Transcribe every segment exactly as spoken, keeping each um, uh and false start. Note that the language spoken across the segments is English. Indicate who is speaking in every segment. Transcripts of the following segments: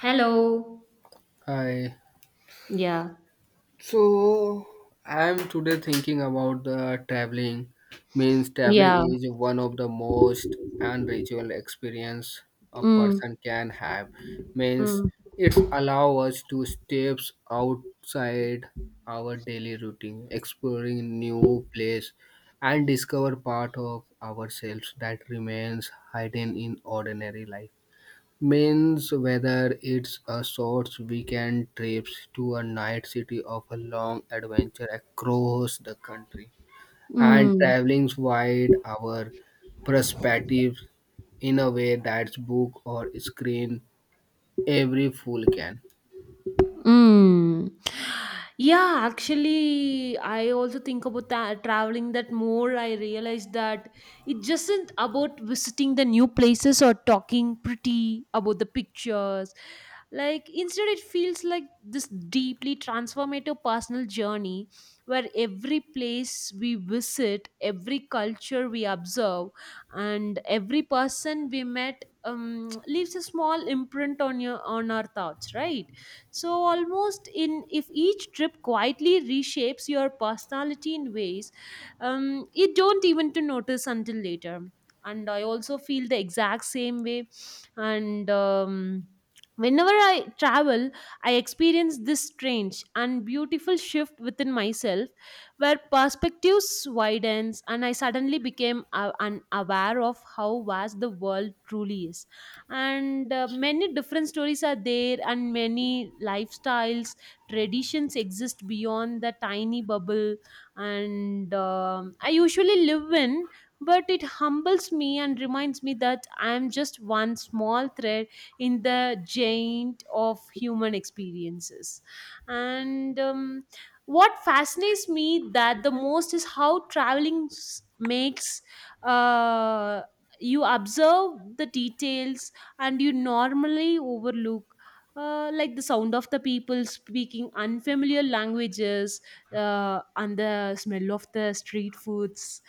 Speaker 1: Hello.
Speaker 2: Hi.
Speaker 1: Yeah.
Speaker 2: So I'm today thinking about the traveling. Means traveling
Speaker 1: Yeah.
Speaker 2: is one of the most unreachable experience a
Speaker 1: Mm.
Speaker 2: person can have. Means
Speaker 1: Mm.
Speaker 2: it's allow us to steps outside our daily routine, exploring new place and discover part of ourselves that remains hidden in ordinary life means whether it's a short weekend trips to a night city of a long adventure across the country and
Speaker 1: Mm.
Speaker 2: traveling wide our perspective in a way that's book or screen every fool can
Speaker 1: Mm. Yeah, actually, I also think about that, traveling that more. I realized that it just isn't about visiting the new places or talking pretty about the pictures. Like, instead, it feels like this deeply transformative personal journey where every place we visit, every culture we observe, and every person we met um, leaves a small imprint on your on our thoughts, right? So almost in if each trip quietly reshapes your personality in ways um, you don't even to notice until later. And I also feel the exact same way. And um, whenever I travel, I experience this strange and beautiful shift within myself, where perspectives widens and I suddenly became uh, unaware of how vast the world truly is, and uh, many different stories are there, and many lifestyles, traditions exist beyond the tiny bubble and um I usually live in. But it humbles me and reminds me that I am just one small thread in the giant of human experiences. And um, what fascinates me that the most is how traveling s- makes uh, you observe the details and you normally overlook, uh, like the sound of the people speaking unfamiliar languages, uh, and the smell of the street foods,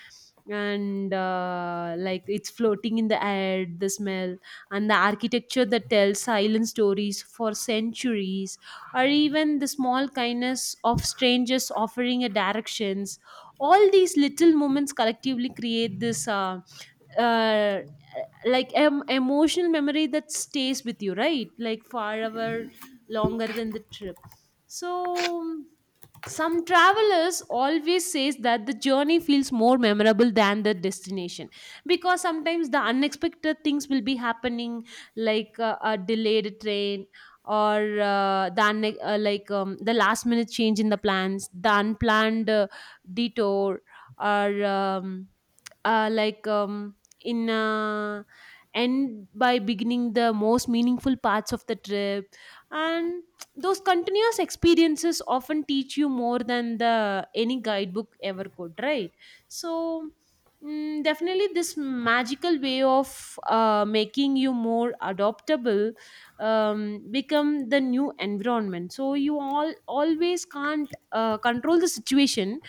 Speaker 1: and uh, like it's floating in the air, the smell, and the architecture that tells silent stories for centuries, or even the small kindness of strangers offering a directions. All these little moments collectively create this uh, uh, like em- emotional memory that stays with you, right, like far hour longer than the trip. So some travelers always says that the journey feels more memorable than the destination, because sometimes the unexpected things will be happening, like uh, a delayed train, or uh, the unne- uh, like um, the last minute change in the plans, the unplanned uh, detour, or um, uh, like um, in uh, end by beginning the most meaningful parts of the trip. And those continuous experiences often teach you more than the any guidebook ever could, right? So mm, definitely this magical way of uh, making you more adaptable, um, become the new environment. So you all always can't uh, control the situation,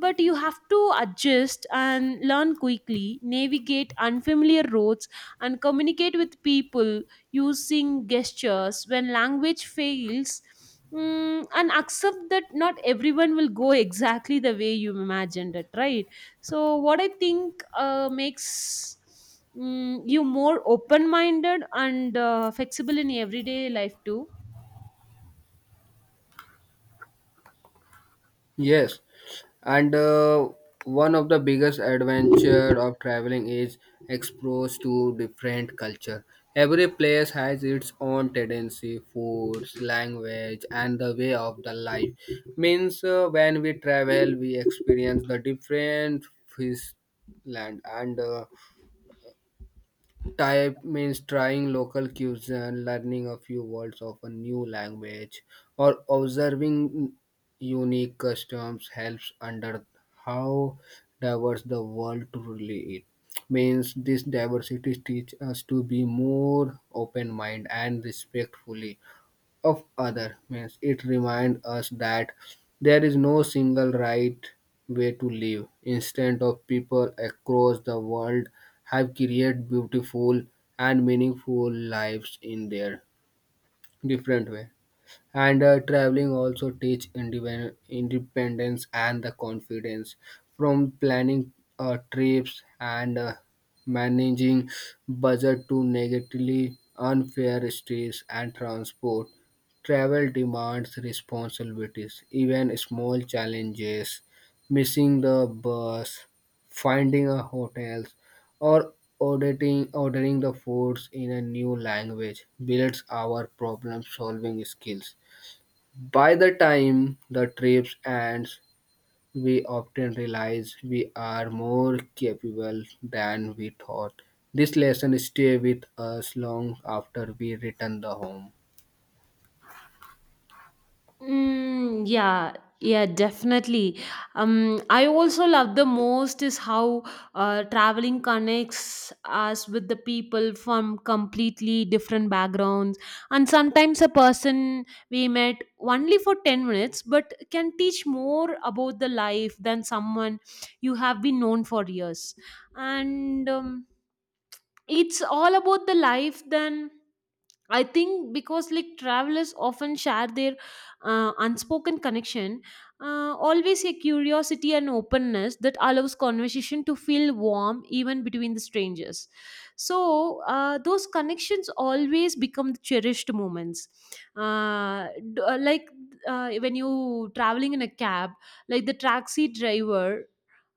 Speaker 1: but you have to adjust and learn quickly, navigate unfamiliar roads, and communicate with people using gestures when language fails. Mm, and accept that not everyone will go exactly the way you imagined it, right? So, what I think uh, makes mm, you more open minded and uh, flexible in everyday life, too.
Speaker 2: yes. And uh, one of the biggest adventure of traveling is exposed to different culture. Every place has its own tendency, foods, language, and the way of the life. Means uh, when we travel, we experience the different fish land and uh, type means trying local cuisine, learning a few words of a new language, or observing unique customs helps under how diverse the world truly is. Means this diversity teach us to be more open minded and respectfully of other means it reminds us that there is no single right way to live instead of people across the world have created beautiful and meaningful lives in their different way and uh, traveling also teach independ- independence and the confidence from planning uh, trips and uh, managing budget to negatively unfair stress and transport travel demands responsibilities even small challenges missing the bus finding a hotel or auditing ordering the foods in a new language builds our problem solving skills by the time the trip ends, we often realize we are more capable than we thought. This lesson stay with us long after we return the home.
Speaker 1: Mm, yeah, yeah, definitely. Um, I also love the most is how uh, traveling connects us with the people from completely different backgrounds, and sometimes a person we met only for ten minutes but can teach more about the life than someone you have been known for years. And um, it's all about the life than I think, because like travelers often share their uh, unspoken connection, uh, always a curiosity and openness that allows conversation to feel warm even between the strangers. So uh, those connections always become the cherished moments. Uh, d- uh, like uh, when you traveling in a cab, like the taxi driver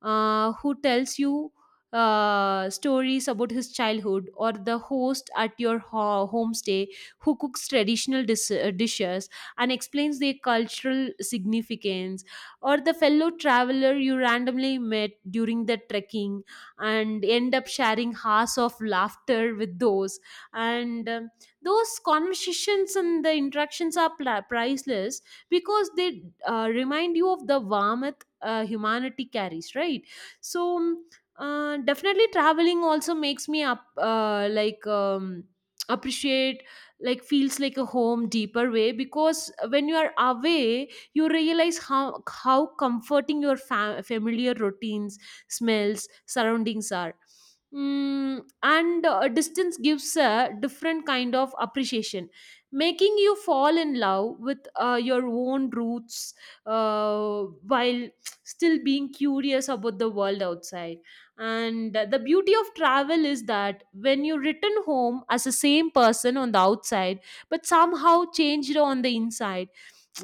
Speaker 1: uh, who tells you uh, stories about his childhood, or the host at your ho- homestay who cooks traditional dis- uh, dishes and explains their cultural significance, or the fellow traveler you randomly met during the trekking and end up sharing hours of laughter with those. And um, those conversations and the interactions are pla priceless, because they uh, remind you of the warmth uh, humanity carries, right? So um, uh, definitely traveling also makes me up uh, like um, appreciate, like feels like a home deeper way, because when you are away you realize how how comforting your fam- familiar routines, smells, surroundings are. Mm, and uh, distance gives a different kind of appreciation, making you fall in love with uh, your own roots, uh, while still being curious about the world outside. And uh, the beauty of travel is that when you return home as the same person on the outside, but somehow changed on the inside,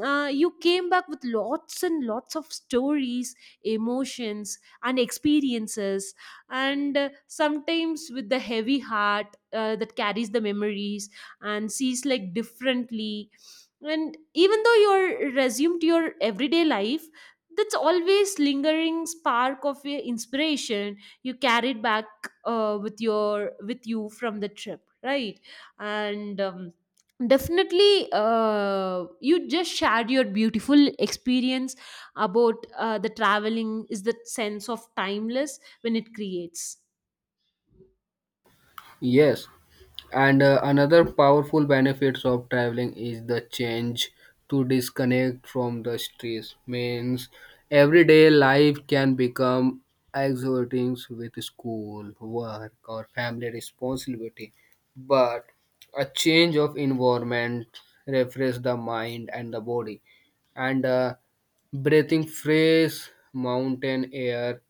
Speaker 1: uh, you came back with lots and lots of stories, emotions, and experiences, and uh, sometimes with the heavy heart uh, that carries the memories and sees like differently. And even though you're resumed your everyday life, that's always lingering spark of your inspiration you carried back uh, with your with you from the trip, right? And um, definitely uh, you just shared your beautiful experience about uh, the traveling is the sense of timeless when it creates.
Speaker 2: Yes, and uh, another powerful benefits of traveling is the change to disconnect from the stress. Means everyday life can become exhausting with school, work, or family responsibility. But a change of environment refresh the mind and the body, and uh, breathing fresh mountain air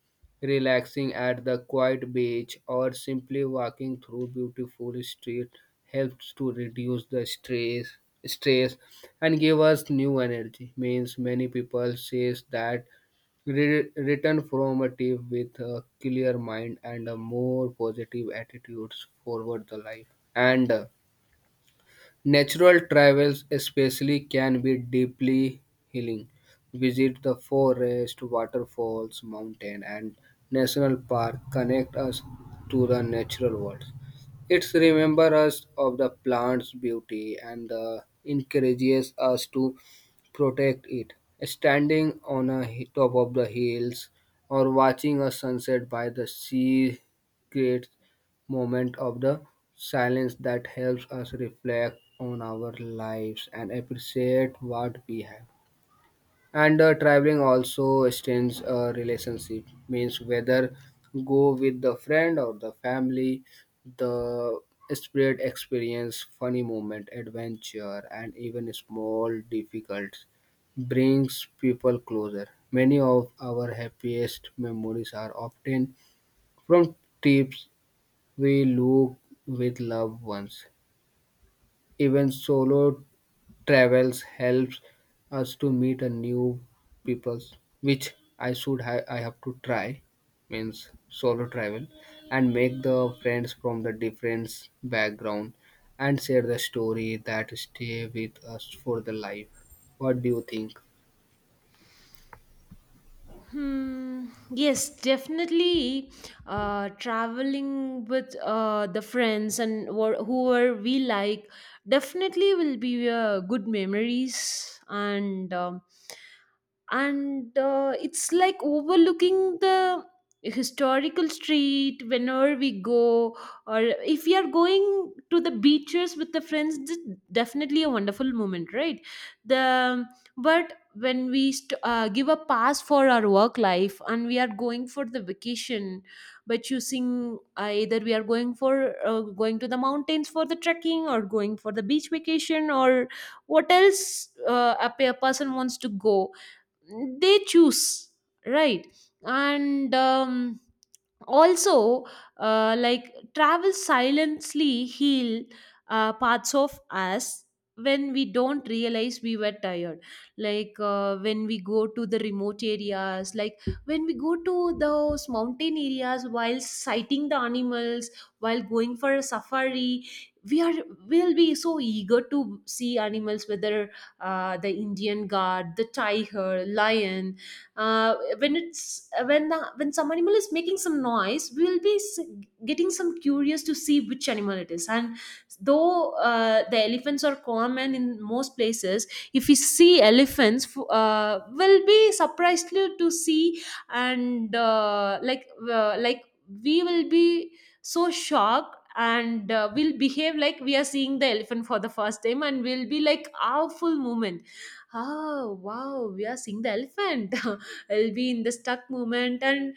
Speaker 2: relaxing at the quiet beach or simply walking through beautiful street helps to reduce the stress stress and give us new energy means many people says that re- return from a trip with a clear mind and a more positive attitudes forward the life and uh, natural travels, especially, can be deeply healing. Visit the forest, waterfalls, mountain, and national park connect us to the natural world. It's remember us of the plant's beauty and uh, encourages us to protect it. Standing on a hi- top of the hills or watching a sunset by the sea creates moment of the silence that helps us reflect on our lives and appreciate what we have. And uh, traveling also extends a relationship, means whether go with the friend or the family, the spirit experience, funny moment, adventure, and even small difficulties brings people closer. Many of our happiest memories are obtained from trips we look with loved ones. Even solo travels helps us to meet a new people, which I should ha- I have to try means solo travel and make the friends from the different background and share the story that stay with us for the life. What do you think?
Speaker 1: Hmm. Yes, definitely. Uh, traveling with uh, the friends and wh- whoever we like definitely will be uh, good memories, and um and uh, it's like overlooking the historical street whenever we go, or if we are going to the beaches with the friends, this is definitely a wonderful moment, right? the but when we st- uh, give a pass for our work life and we are going for the vacation, by choosing uh, either we are going for uh, going to the mountains for the trekking, or going for the beach vacation, or what else uh, a pe- a person wants to go, they choose, right? And um, also uh, like travel silently heal uh, parts of us when we don't realize we were tired. Like uh, when we go to the remote areas, like when we go to those mountain areas while sighting the animals, while going for a safari, we are will be so eager to see animals, whether uh, the Indian guard, the tiger, lion. Uh, when it's when the when some animal is making some noise, we will be s- getting some curious to see which animal it is. And though uh, the elephants are common in most places, if we see elephants f- uh, we'll be surprised to to see, and uh, like uh, like we will be so shocked, and uh, we'll behave like we are seeing the elephant for the first time, and we'll be like our full moment, oh wow, we are seeing the elephant I'll be in the stuck moment. And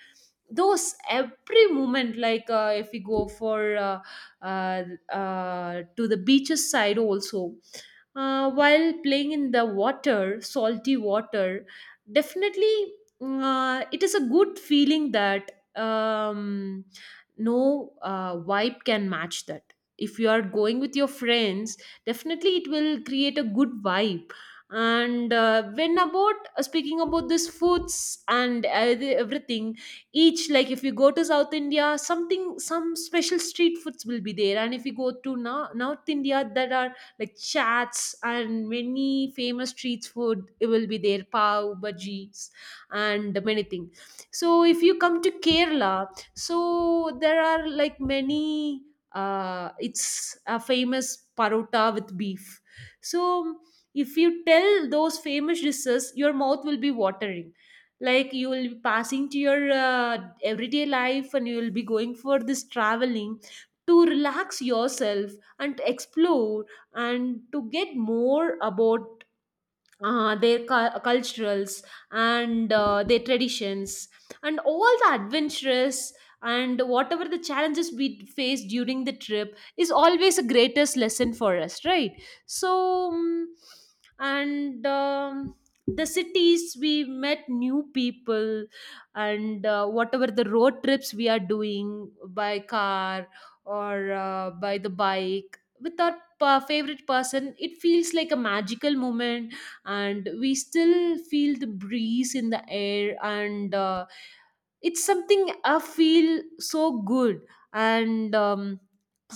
Speaker 1: those every moment, like uh, if we go for uh, uh, uh, to the beaches side also, uh, while playing in the water, salty water, definitely uh, it is a good feeling that, um, no uh, vibe can match that. If you are going with your friends, definitely it will create a good vibe. And uh, when about uh, speaking about this foods and uh, the- everything, each, like, if you go to South India, something, some special street foods will be there, and if you go to now North India, there are like chats and many famous street food, it will be there, pav bhajis and many things. So if you come to Kerala, so there are like many, uh, it's a famous parota with beef. So if you tell those famous dishes, your mouth will be watering. Like you will be passing to your uh, everyday life and you will be going for this traveling to relax yourself, and to explore, and to get more about uh, their cu- culturals and uh, their traditions and all the adventures. And whatever the challenges we face during the trip is always a greatest lesson for us, right? So um, and um, the cities we met new people, and uh, whatever the road trips we are doing by car or uh, by the bike with our uh, favorite person, it feels like a magical moment. And we still feel the breeze in the air, and uh, it's something I feel so good. And um,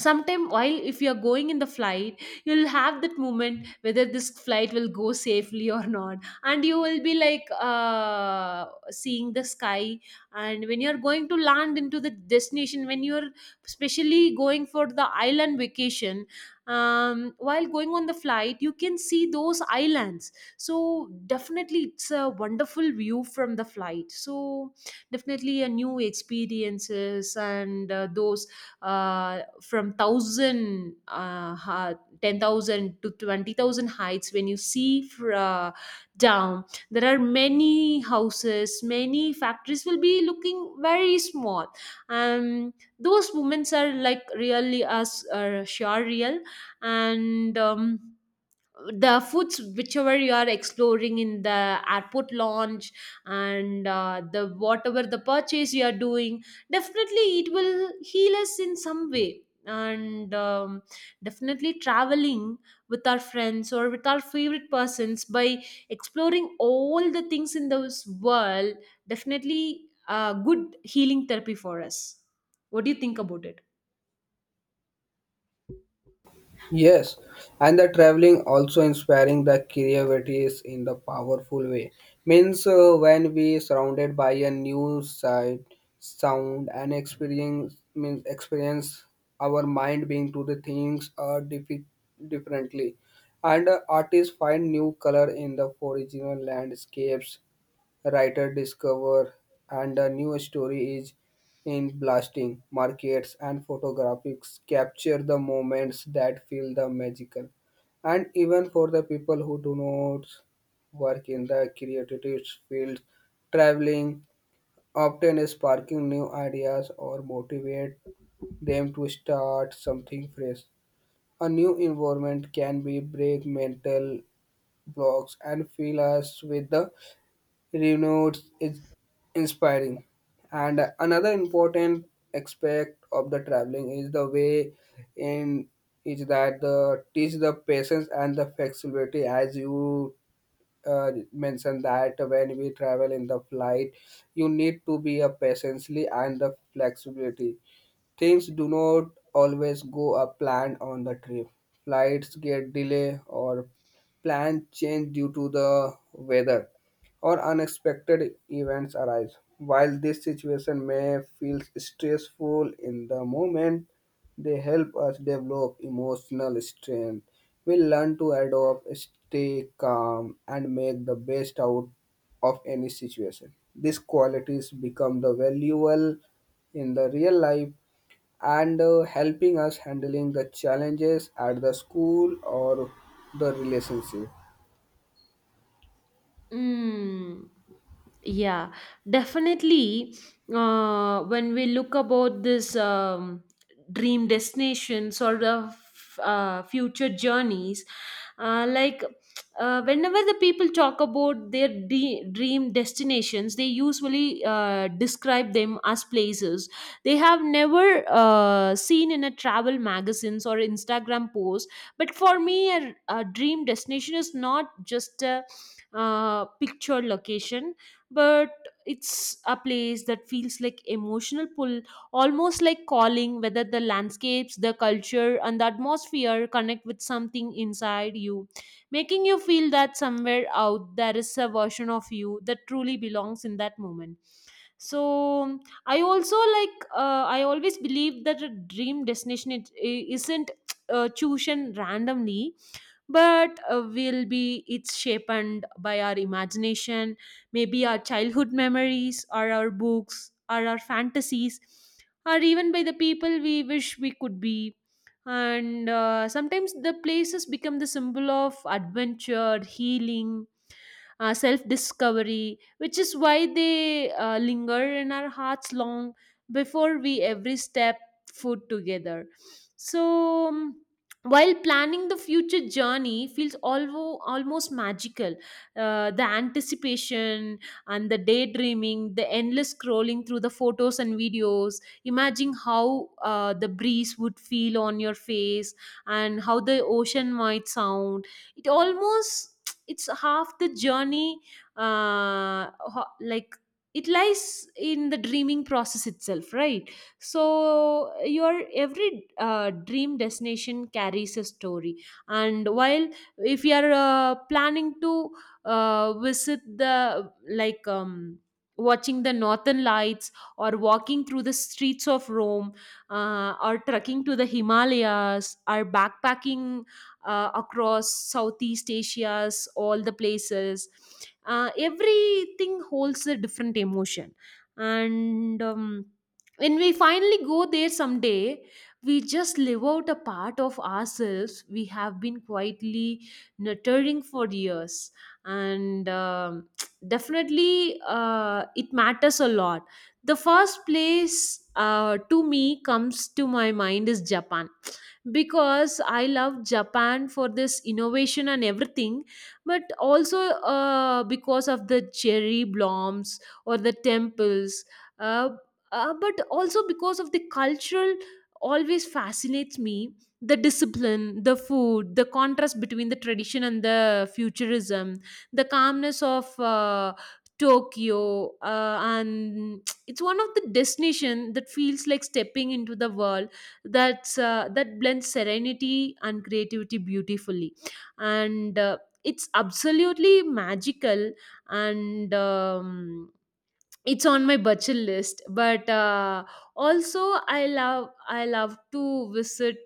Speaker 1: sometime while if you're going in the flight, you'll have that moment whether this flight will go safely or not. And you will be like uh, seeing the sky, and when you're going to land into the destination, when you're especially going for the island vacation, um, while going on the flight you can see those islands. So definitely it's a wonderful view from the flight. So definitely a new experiences. And uh, those uh, from one thousand uh, ha- ten thousand to twenty thousand heights, when you see fr- uh, down, there are many houses, many factories will be looking very small. um those moments are like really as uh, sure real. And um the foods whichever you are exploring in the airport lounge, and uh, the whatever the purchase you are doing, definitely it will heal us in some way. And um, definitely traveling with our friends or with our favorite persons, by exploring all the things in this world, definitely a good healing therapy for us. What do you think about it?
Speaker 2: Yes, and the traveling also inspiring the creativities in the powerful way. Means uh, when we surrounded by a new sight, sound, and experience means experience our mind being to the things are diffi- differently, and uh, artists find new color in the original landscapes writer discover and a new story is in blasting markets and photographics capture the moments that feel the magical and even for the people who do not work in the creative field traveling often is sparking new ideas or motivate them to start something fresh a new environment can be break mental blocks and fill us with the Renotes is inspiring and another important aspect of the traveling is the way in is that the teach the patience and the flexibility as you uh, mentioned that when we travel in the flight you need to be a patiently and the flexibility. Things do not always go as planned on the trip. Flights get delayed or plans change due to the weather or unexpected events arise. While this situation may feel stressful in the moment, they help us develop emotional strength. We learn to adapt, stay calm, and make the best out of any situation. These qualities become the valuable in the real life and uh, helping us handling the challenges at the school or the relationship.
Speaker 1: Mm, yeah, definitely. Uh, when we look about this um, dream destinations or the f- uh, future journeys, uh, like uh, whenever the people talk about their de- dream destinations, they usually uh, describe them as places they have never uh, seen in a travel magazines or Instagram posts. But for me, a, a dream destination is not just a uh, pictured location, but it's a place that feels like emotional pull, almost like calling whether the landscapes, the culture, and the atmosphere connect with something inside you, making you feel that somewhere out there is a version of you that truly belongs in that moment. So, I also like, uh, I always believe that a dream destination it, i- isn't uh, chosen randomly but uh, will be it's shaped by our imagination, maybe our childhood memories or our books or our fantasies, or even by the people we wish we could be. And uh, sometimes the places become the symbol of adventure healing, uh, self discovery, which is why they uh, linger in our hearts long before we every step foot together. So, um, while planning the future journey feels alvo- almost magical, uh, the anticipation and the daydreaming, the endless scrolling through the photos and videos, imagine how uh, the breeze would feel on your face and how the ocean might sound. It almost it's half the journey, uh, ho- like it lies in the dreaming process itself, right? So your every uh, dream destination carries a story. And while, if you are uh, planning to uh, visit the like um, watching the northern lights, or walking through the streets of Rome, uh, or trekking to the Himalayas, or backpacking uh, across Southeast Asia's all the places. Uh, everything holds a different emotion, and um, when we finally go there someday, we just live out a part of ourselves we have been quietly nurturing for years, and um, definitely uh, it matters a lot. The first place uh, to me comes to my mind is Japan, because I love Japan for this innovation and everything, but also uh, because of the cherry blossoms or the temples, uh, uh, but also because of the cultural always fascinates me, the discipline, the food, the contrast between the tradition and the futurism, the calmness of uh, Tokyo. Uh, and it's one of the destination that feels like stepping into the world that's uh, that blends serenity and creativity beautifully, and uh, it's absolutely magical. And um, it's on my budget list, but uh, also i love i love to visit,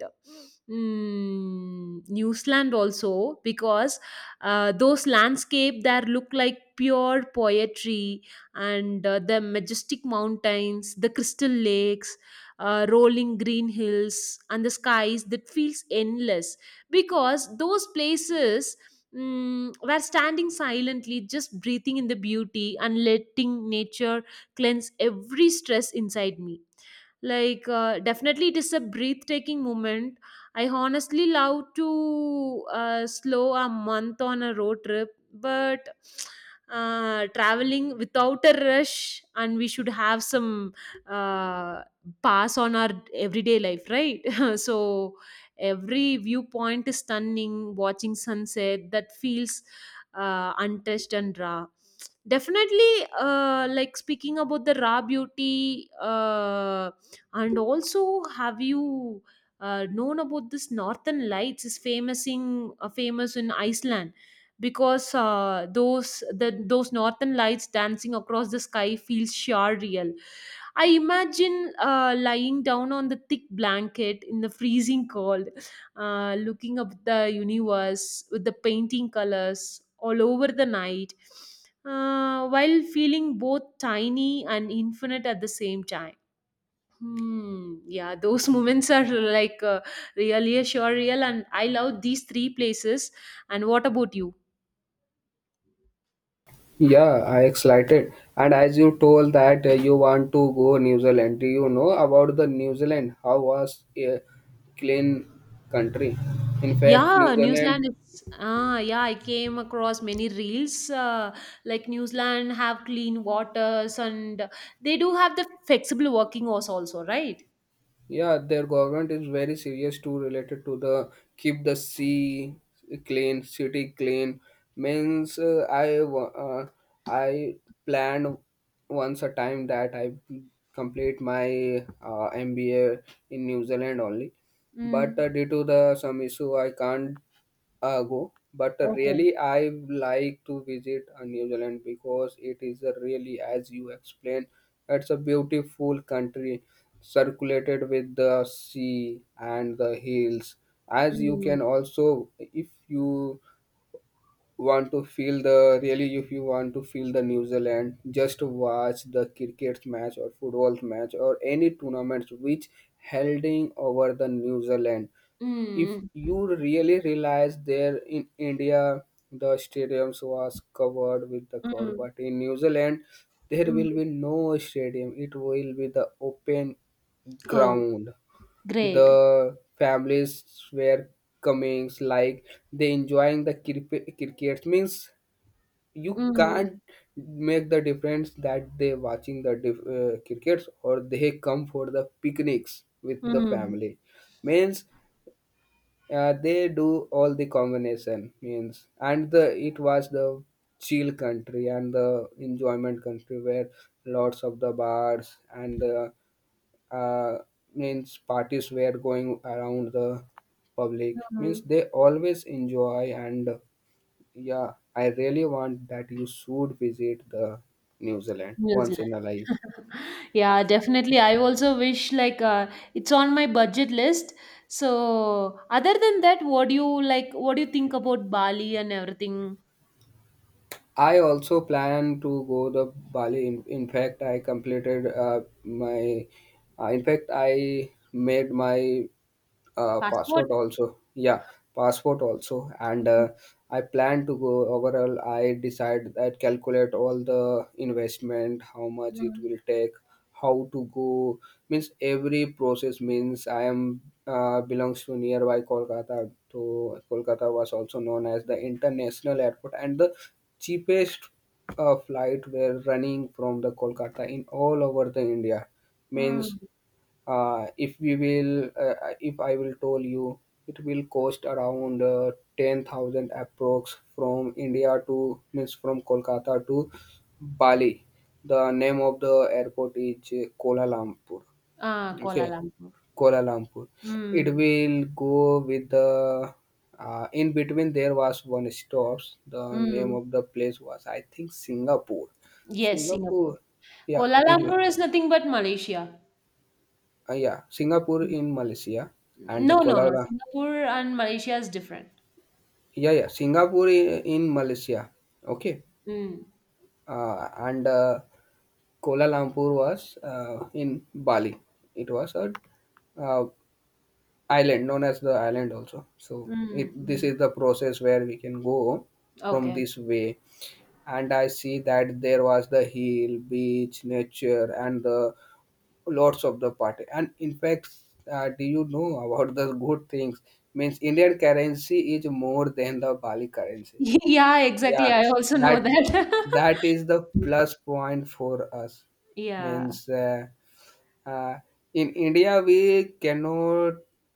Speaker 1: mm, New Zealand also, because uh, those landscape there look like pure poetry. And uh, the majestic mountains, the crystal lakes, uh, rolling green hills and the skies that feels endless, because those places, Mm, were standing silently, just breathing in the beauty and letting nature cleanse every stress inside me. like uh, definitely it is a breathtaking moment. I honestly love to uh, slow a month on a road trip, but uh, traveling without a rush, and we should have some uh, pass on our everyday life, right? So every viewpoint is stunning, watching sunset that feels uh, untouched and raw. Definitely uh, like speaking about the raw beauty, uh, and also, have you uh, known about this Northern Lights is famous in uh, famous in Iceland, because uh, those the those Northern Lights dancing across the sky feels sure real. I imagine uh, lying down on the thick blanket in the freezing cold, uh, looking up the universe with the painting colors all over the night, uh, while feeling both tiny and infinite at the same time. Hmm. Yeah, those moments are like uh, really surreal, and I love these three places. And what about you?
Speaker 2: Yeah, I excited. And as you told that uh, you want to go New Zealand, do you know about the New Zealand? How was a clean country? In fact, New
Speaker 1: Yeah, New Zealand
Speaker 2: Zealand.
Speaker 1: is. Ah, yeah, I came across many reels. Uh, like New Zealand have clean waters, and they do have the flexible working hours also, right?
Speaker 2: Yeah, their government is very serious too related to the keep the sea clean, city clean. Means uh, I wa- uh, I planned once a time that I complete my uh, M B A in New Zealand only, but
Speaker 1: Mm.
Speaker 2: uh, due to the some issue I can't ago, but
Speaker 1: Okay.
Speaker 2: really I like to visit uh, New Zealand because it is a really, as you explained, it's a beautiful country circulated with the sea and the hills. As you
Speaker 1: Mm.
Speaker 2: can also, if you want to feel the really if you want to feel the New Zealand, just watch the cricket match or football match or any tournaments which holding over the New Zealand. If
Speaker 1: Mm.
Speaker 2: you really realize there in India the stadiums was covered with the crowd,
Speaker 1: Mm.
Speaker 2: but in New Zealand there
Speaker 1: Mm.
Speaker 2: will be no stadium. It will be the open
Speaker 1: Oh,
Speaker 2: ground,
Speaker 1: great.
Speaker 2: the families were coming like they enjoying the cricket cricket means you
Speaker 1: Mm.
Speaker 2: can't make the difference that they watching the dif- uh, crickets or they come for the picnics with the
Speaker 1: Mm.
Speaker 2: family means uh, they do all the combination means and the it was the chill country and the enjoyment country where lots of the bars and the uh, means parties were going around the public means
Speaker 1: Mm.
Speaker 2: they always enjoy and uh, yeah, I really want that you should visit the New Zealand
Speaker 1: New
Speaker 2: once in a
Speaker 1: Zealand.
Speaker 2: life.
Speaker 1: Yeah, definitely. I also wish like uh, it's on my budget list. So, other than that, what do you like? What do you think about Bali and everything?
Speaker 2: I also plan to go the Bali. In, in fact, I completed uh, my uh, in fact i made my uh,
Speaker 1: Passport?
Speaker 2: passport also, yeah, passport also. And
Speaker 1: Mm,
Speaker 2: uh, I plan to go overall. I decide that calculate all the investment, how much it
Speaker 1: mm,
Speaker 2: will take, how to go, means every process means I am uh, belongs to nearby Kolkata to Kolkata was also known as the international airport and the cheapest uh, flight were running from the Kolkata in all over the India means
Speaker 1: mm.
Speaker 2: uh, if we will uh, uh, if I will told you it will cost around uh, ten thousand approx from India to means from Kolkata to Bali. The name of the airport is uh, Kuala Lumpur.
Speaker 1: Ah, Kuala
Speaker 2: Okay,
Speaker 1: Lumpur.
Speaker 2: Kuala Lumpur. It
Speaker 1: Mm,
Speaker 2: will go with the uh, in between there was one stops. The name
Speaker 1: mm.
Speaker 2: of the place was, I think, Singapore.
Speaker 1: Yes,
Speaker 2: Singapore,
Speaker 1: Singapore.
Speaker 2: yeah,
Speaker 1: Kuala
Speaker 2: it will.
Speaker 1: Lumpur is nothing but Malaysia.
Speaker 2: Uh, yeah, Singapore
Speaker 1: Mm.
Speaker 2: in Malaysia and
Speaker 1: No, no,
Speaker 2: Kuala
Speaker 1: no.
Speaker 2: Lumpur.
Speaker 1: Singapore and Malaysia is different.
Speaker 2: Yeah, yeah, Singapore i- in Malaysia. Okay,
Speaker 1: Mm,
Speaker 2: uh, and uh, Kuala Lumpur was uh, in Bali. It was a uh, island, known as the island also. So it
Speaker 1: mm,
Speaker 2: this
Speaker 1: mm.
Speaker 2: is the process where we can go from
Speaker 1: Okay.
Speaker 2: this way. And I see that there was the hill, beach, nature, and the lots of the party. And in fact, uh, do you know about the good things means Indian currency is more than the Bali currency?
Speaker 1: Yeah, exactly.
Speaker 2: Yeah,
Speaker 1: I also know
Speaker 2: that
Speaker 1: that.
Speaker 2: that is the plus point for us
Speaker 1: Yeah.
Speaker 2: means uh, uh, in India we cannot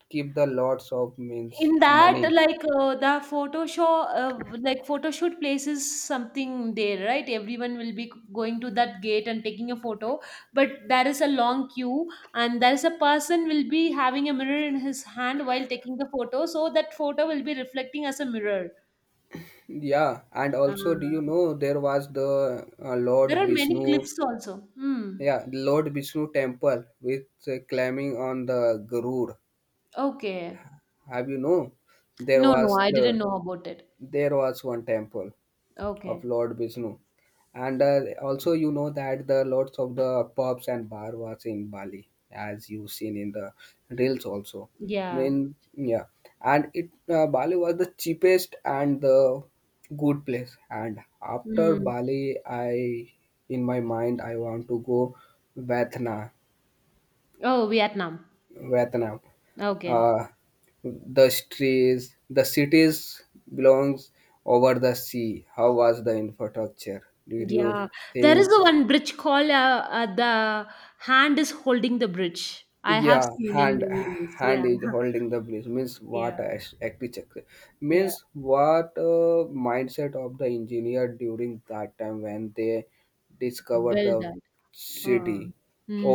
Speaker 2: keep the lots of means
Speaker 1: In that,
Speaker 2: money.
Speaker 1: like uh, the photo show, uh, like photo shoot places something there, right? Everyone will be going to that gate and taking a photo, but there is a long queue, and there is a person will be having a mirror in his hand while taking the photo, so that photo will be reflecting as a mirror.
Speaker 2: Yeah, and
Speaker 1: Uh,
Speaker 2: also, do you know there was the uh,
Speaker 1: there
Speaker 2: Lord
Speaker 1: are many
Speaker 2: Vishnu?
Speaker 1: clips also. Hmm.
Speaker 2: Yeah, Lord Vishnu temple with uh, climbing on the Garud.
Speaker 1: Okay.
Speaker 2: Have you know there
Speaker 1: No, no,
Speaker 2: was
Speaker 1: I didn't
Speaker 2: the
Speaker 1: know about it.
Speaker 2: there was one temple of
Speaker 1: Okay.
Speaker 2: Lord Vishnu, and uh, also you know that the lots of the pubs and bar was in Bali, as you seen in the reels also. I
Speaker 1: Yeah.
Speaker 2: mean, yeah, and it uh, Bali was the cheapest and the good place. And after
Speaker 1: Hmm.
Speaker 2: Bali, I in my mind I want to go Vatna,
Speaker 1: Oh, Vietnam.
Speaker 2: Vietnam.
Speaker 1: Okay.
Speaker 2: Uh, the streets, the cities belongs over the sea. How was the infrastructure? Did you
Speaker 1: Yeah, there is
Speaker 2: think?
Speaker 1: a one bridge called uh, uh, the hand is holding the bridge. I have
Speaker 2: Yeah,
Speaker 1: seen in
Speaker 2: hand
Speaker 1: many reels. Yeah,
Speaker 2: hand is holding the bliss, means
Speaker 1: yeah,
Speaker 2: what as- architecture,
Speaker 1: yeah.
Speaker 2: means what uh, mindset of the engineer during that time when they discover the
Speaker 1: Build that. Uh,
Speaker 2: city.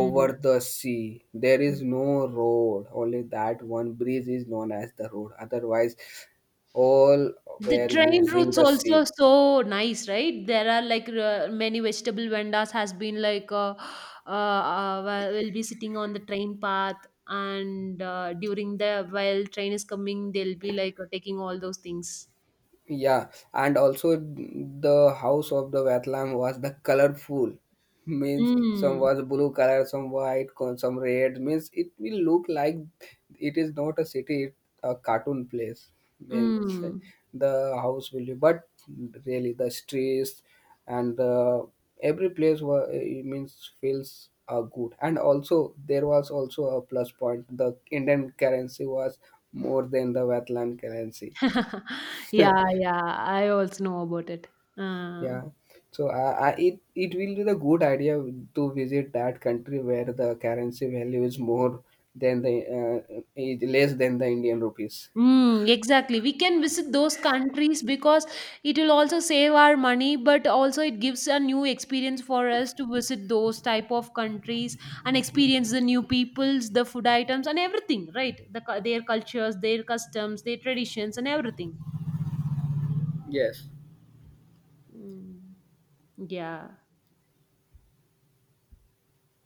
Speaker 2: Over the sea there is no road, only that one bridge is known as the road, otherwise all
Speaker 1: The
Speaker 2: were
Speaker 1: train
Speaker 2: using
Speaker 1: routes
Speaker 2: the
Speaker 1: also
Speaker 2: ship.
Speaker 1: so nice, right? There are like uh, many vegetable vendors has been like uh, uh, uh, will be sitting on the train path, and uh, during the while train is coming, they'll be like uh, taking all those things.
Speaker 2: Yeah, and also the house of the Vatlam was the colorful, means some
Speaker 1: Mm.
Speaker 2: was blue color, some white, con- some red. Means it will look like it is not a city, it a cartoon place. Means
Speaker 1: Mm.
Speaker 2: the house will be, but really the streets and the every place was it means feels uh, good. And also there was also a plus point. The Indian currency was more than the Vatlam currency.
Speaker 1: Yeah, yeah, I also know about it. Uh,
Speaker 2: Yeah, so uh, I, it it will be the good idea to visit that country where the currency value is more than the uh, is less than the Indian rupees.
Speaker 1: mm, exactly. We can visit those countries because it will also save our money, but also it gives a new experience for us to visit those type of countries and experience the new peoples, the food items, and everything, right? The, cu- their cultures, their customs, their traditions, and everything.
Speaker 2: Yes.
Speaker 1: Mm, yeah.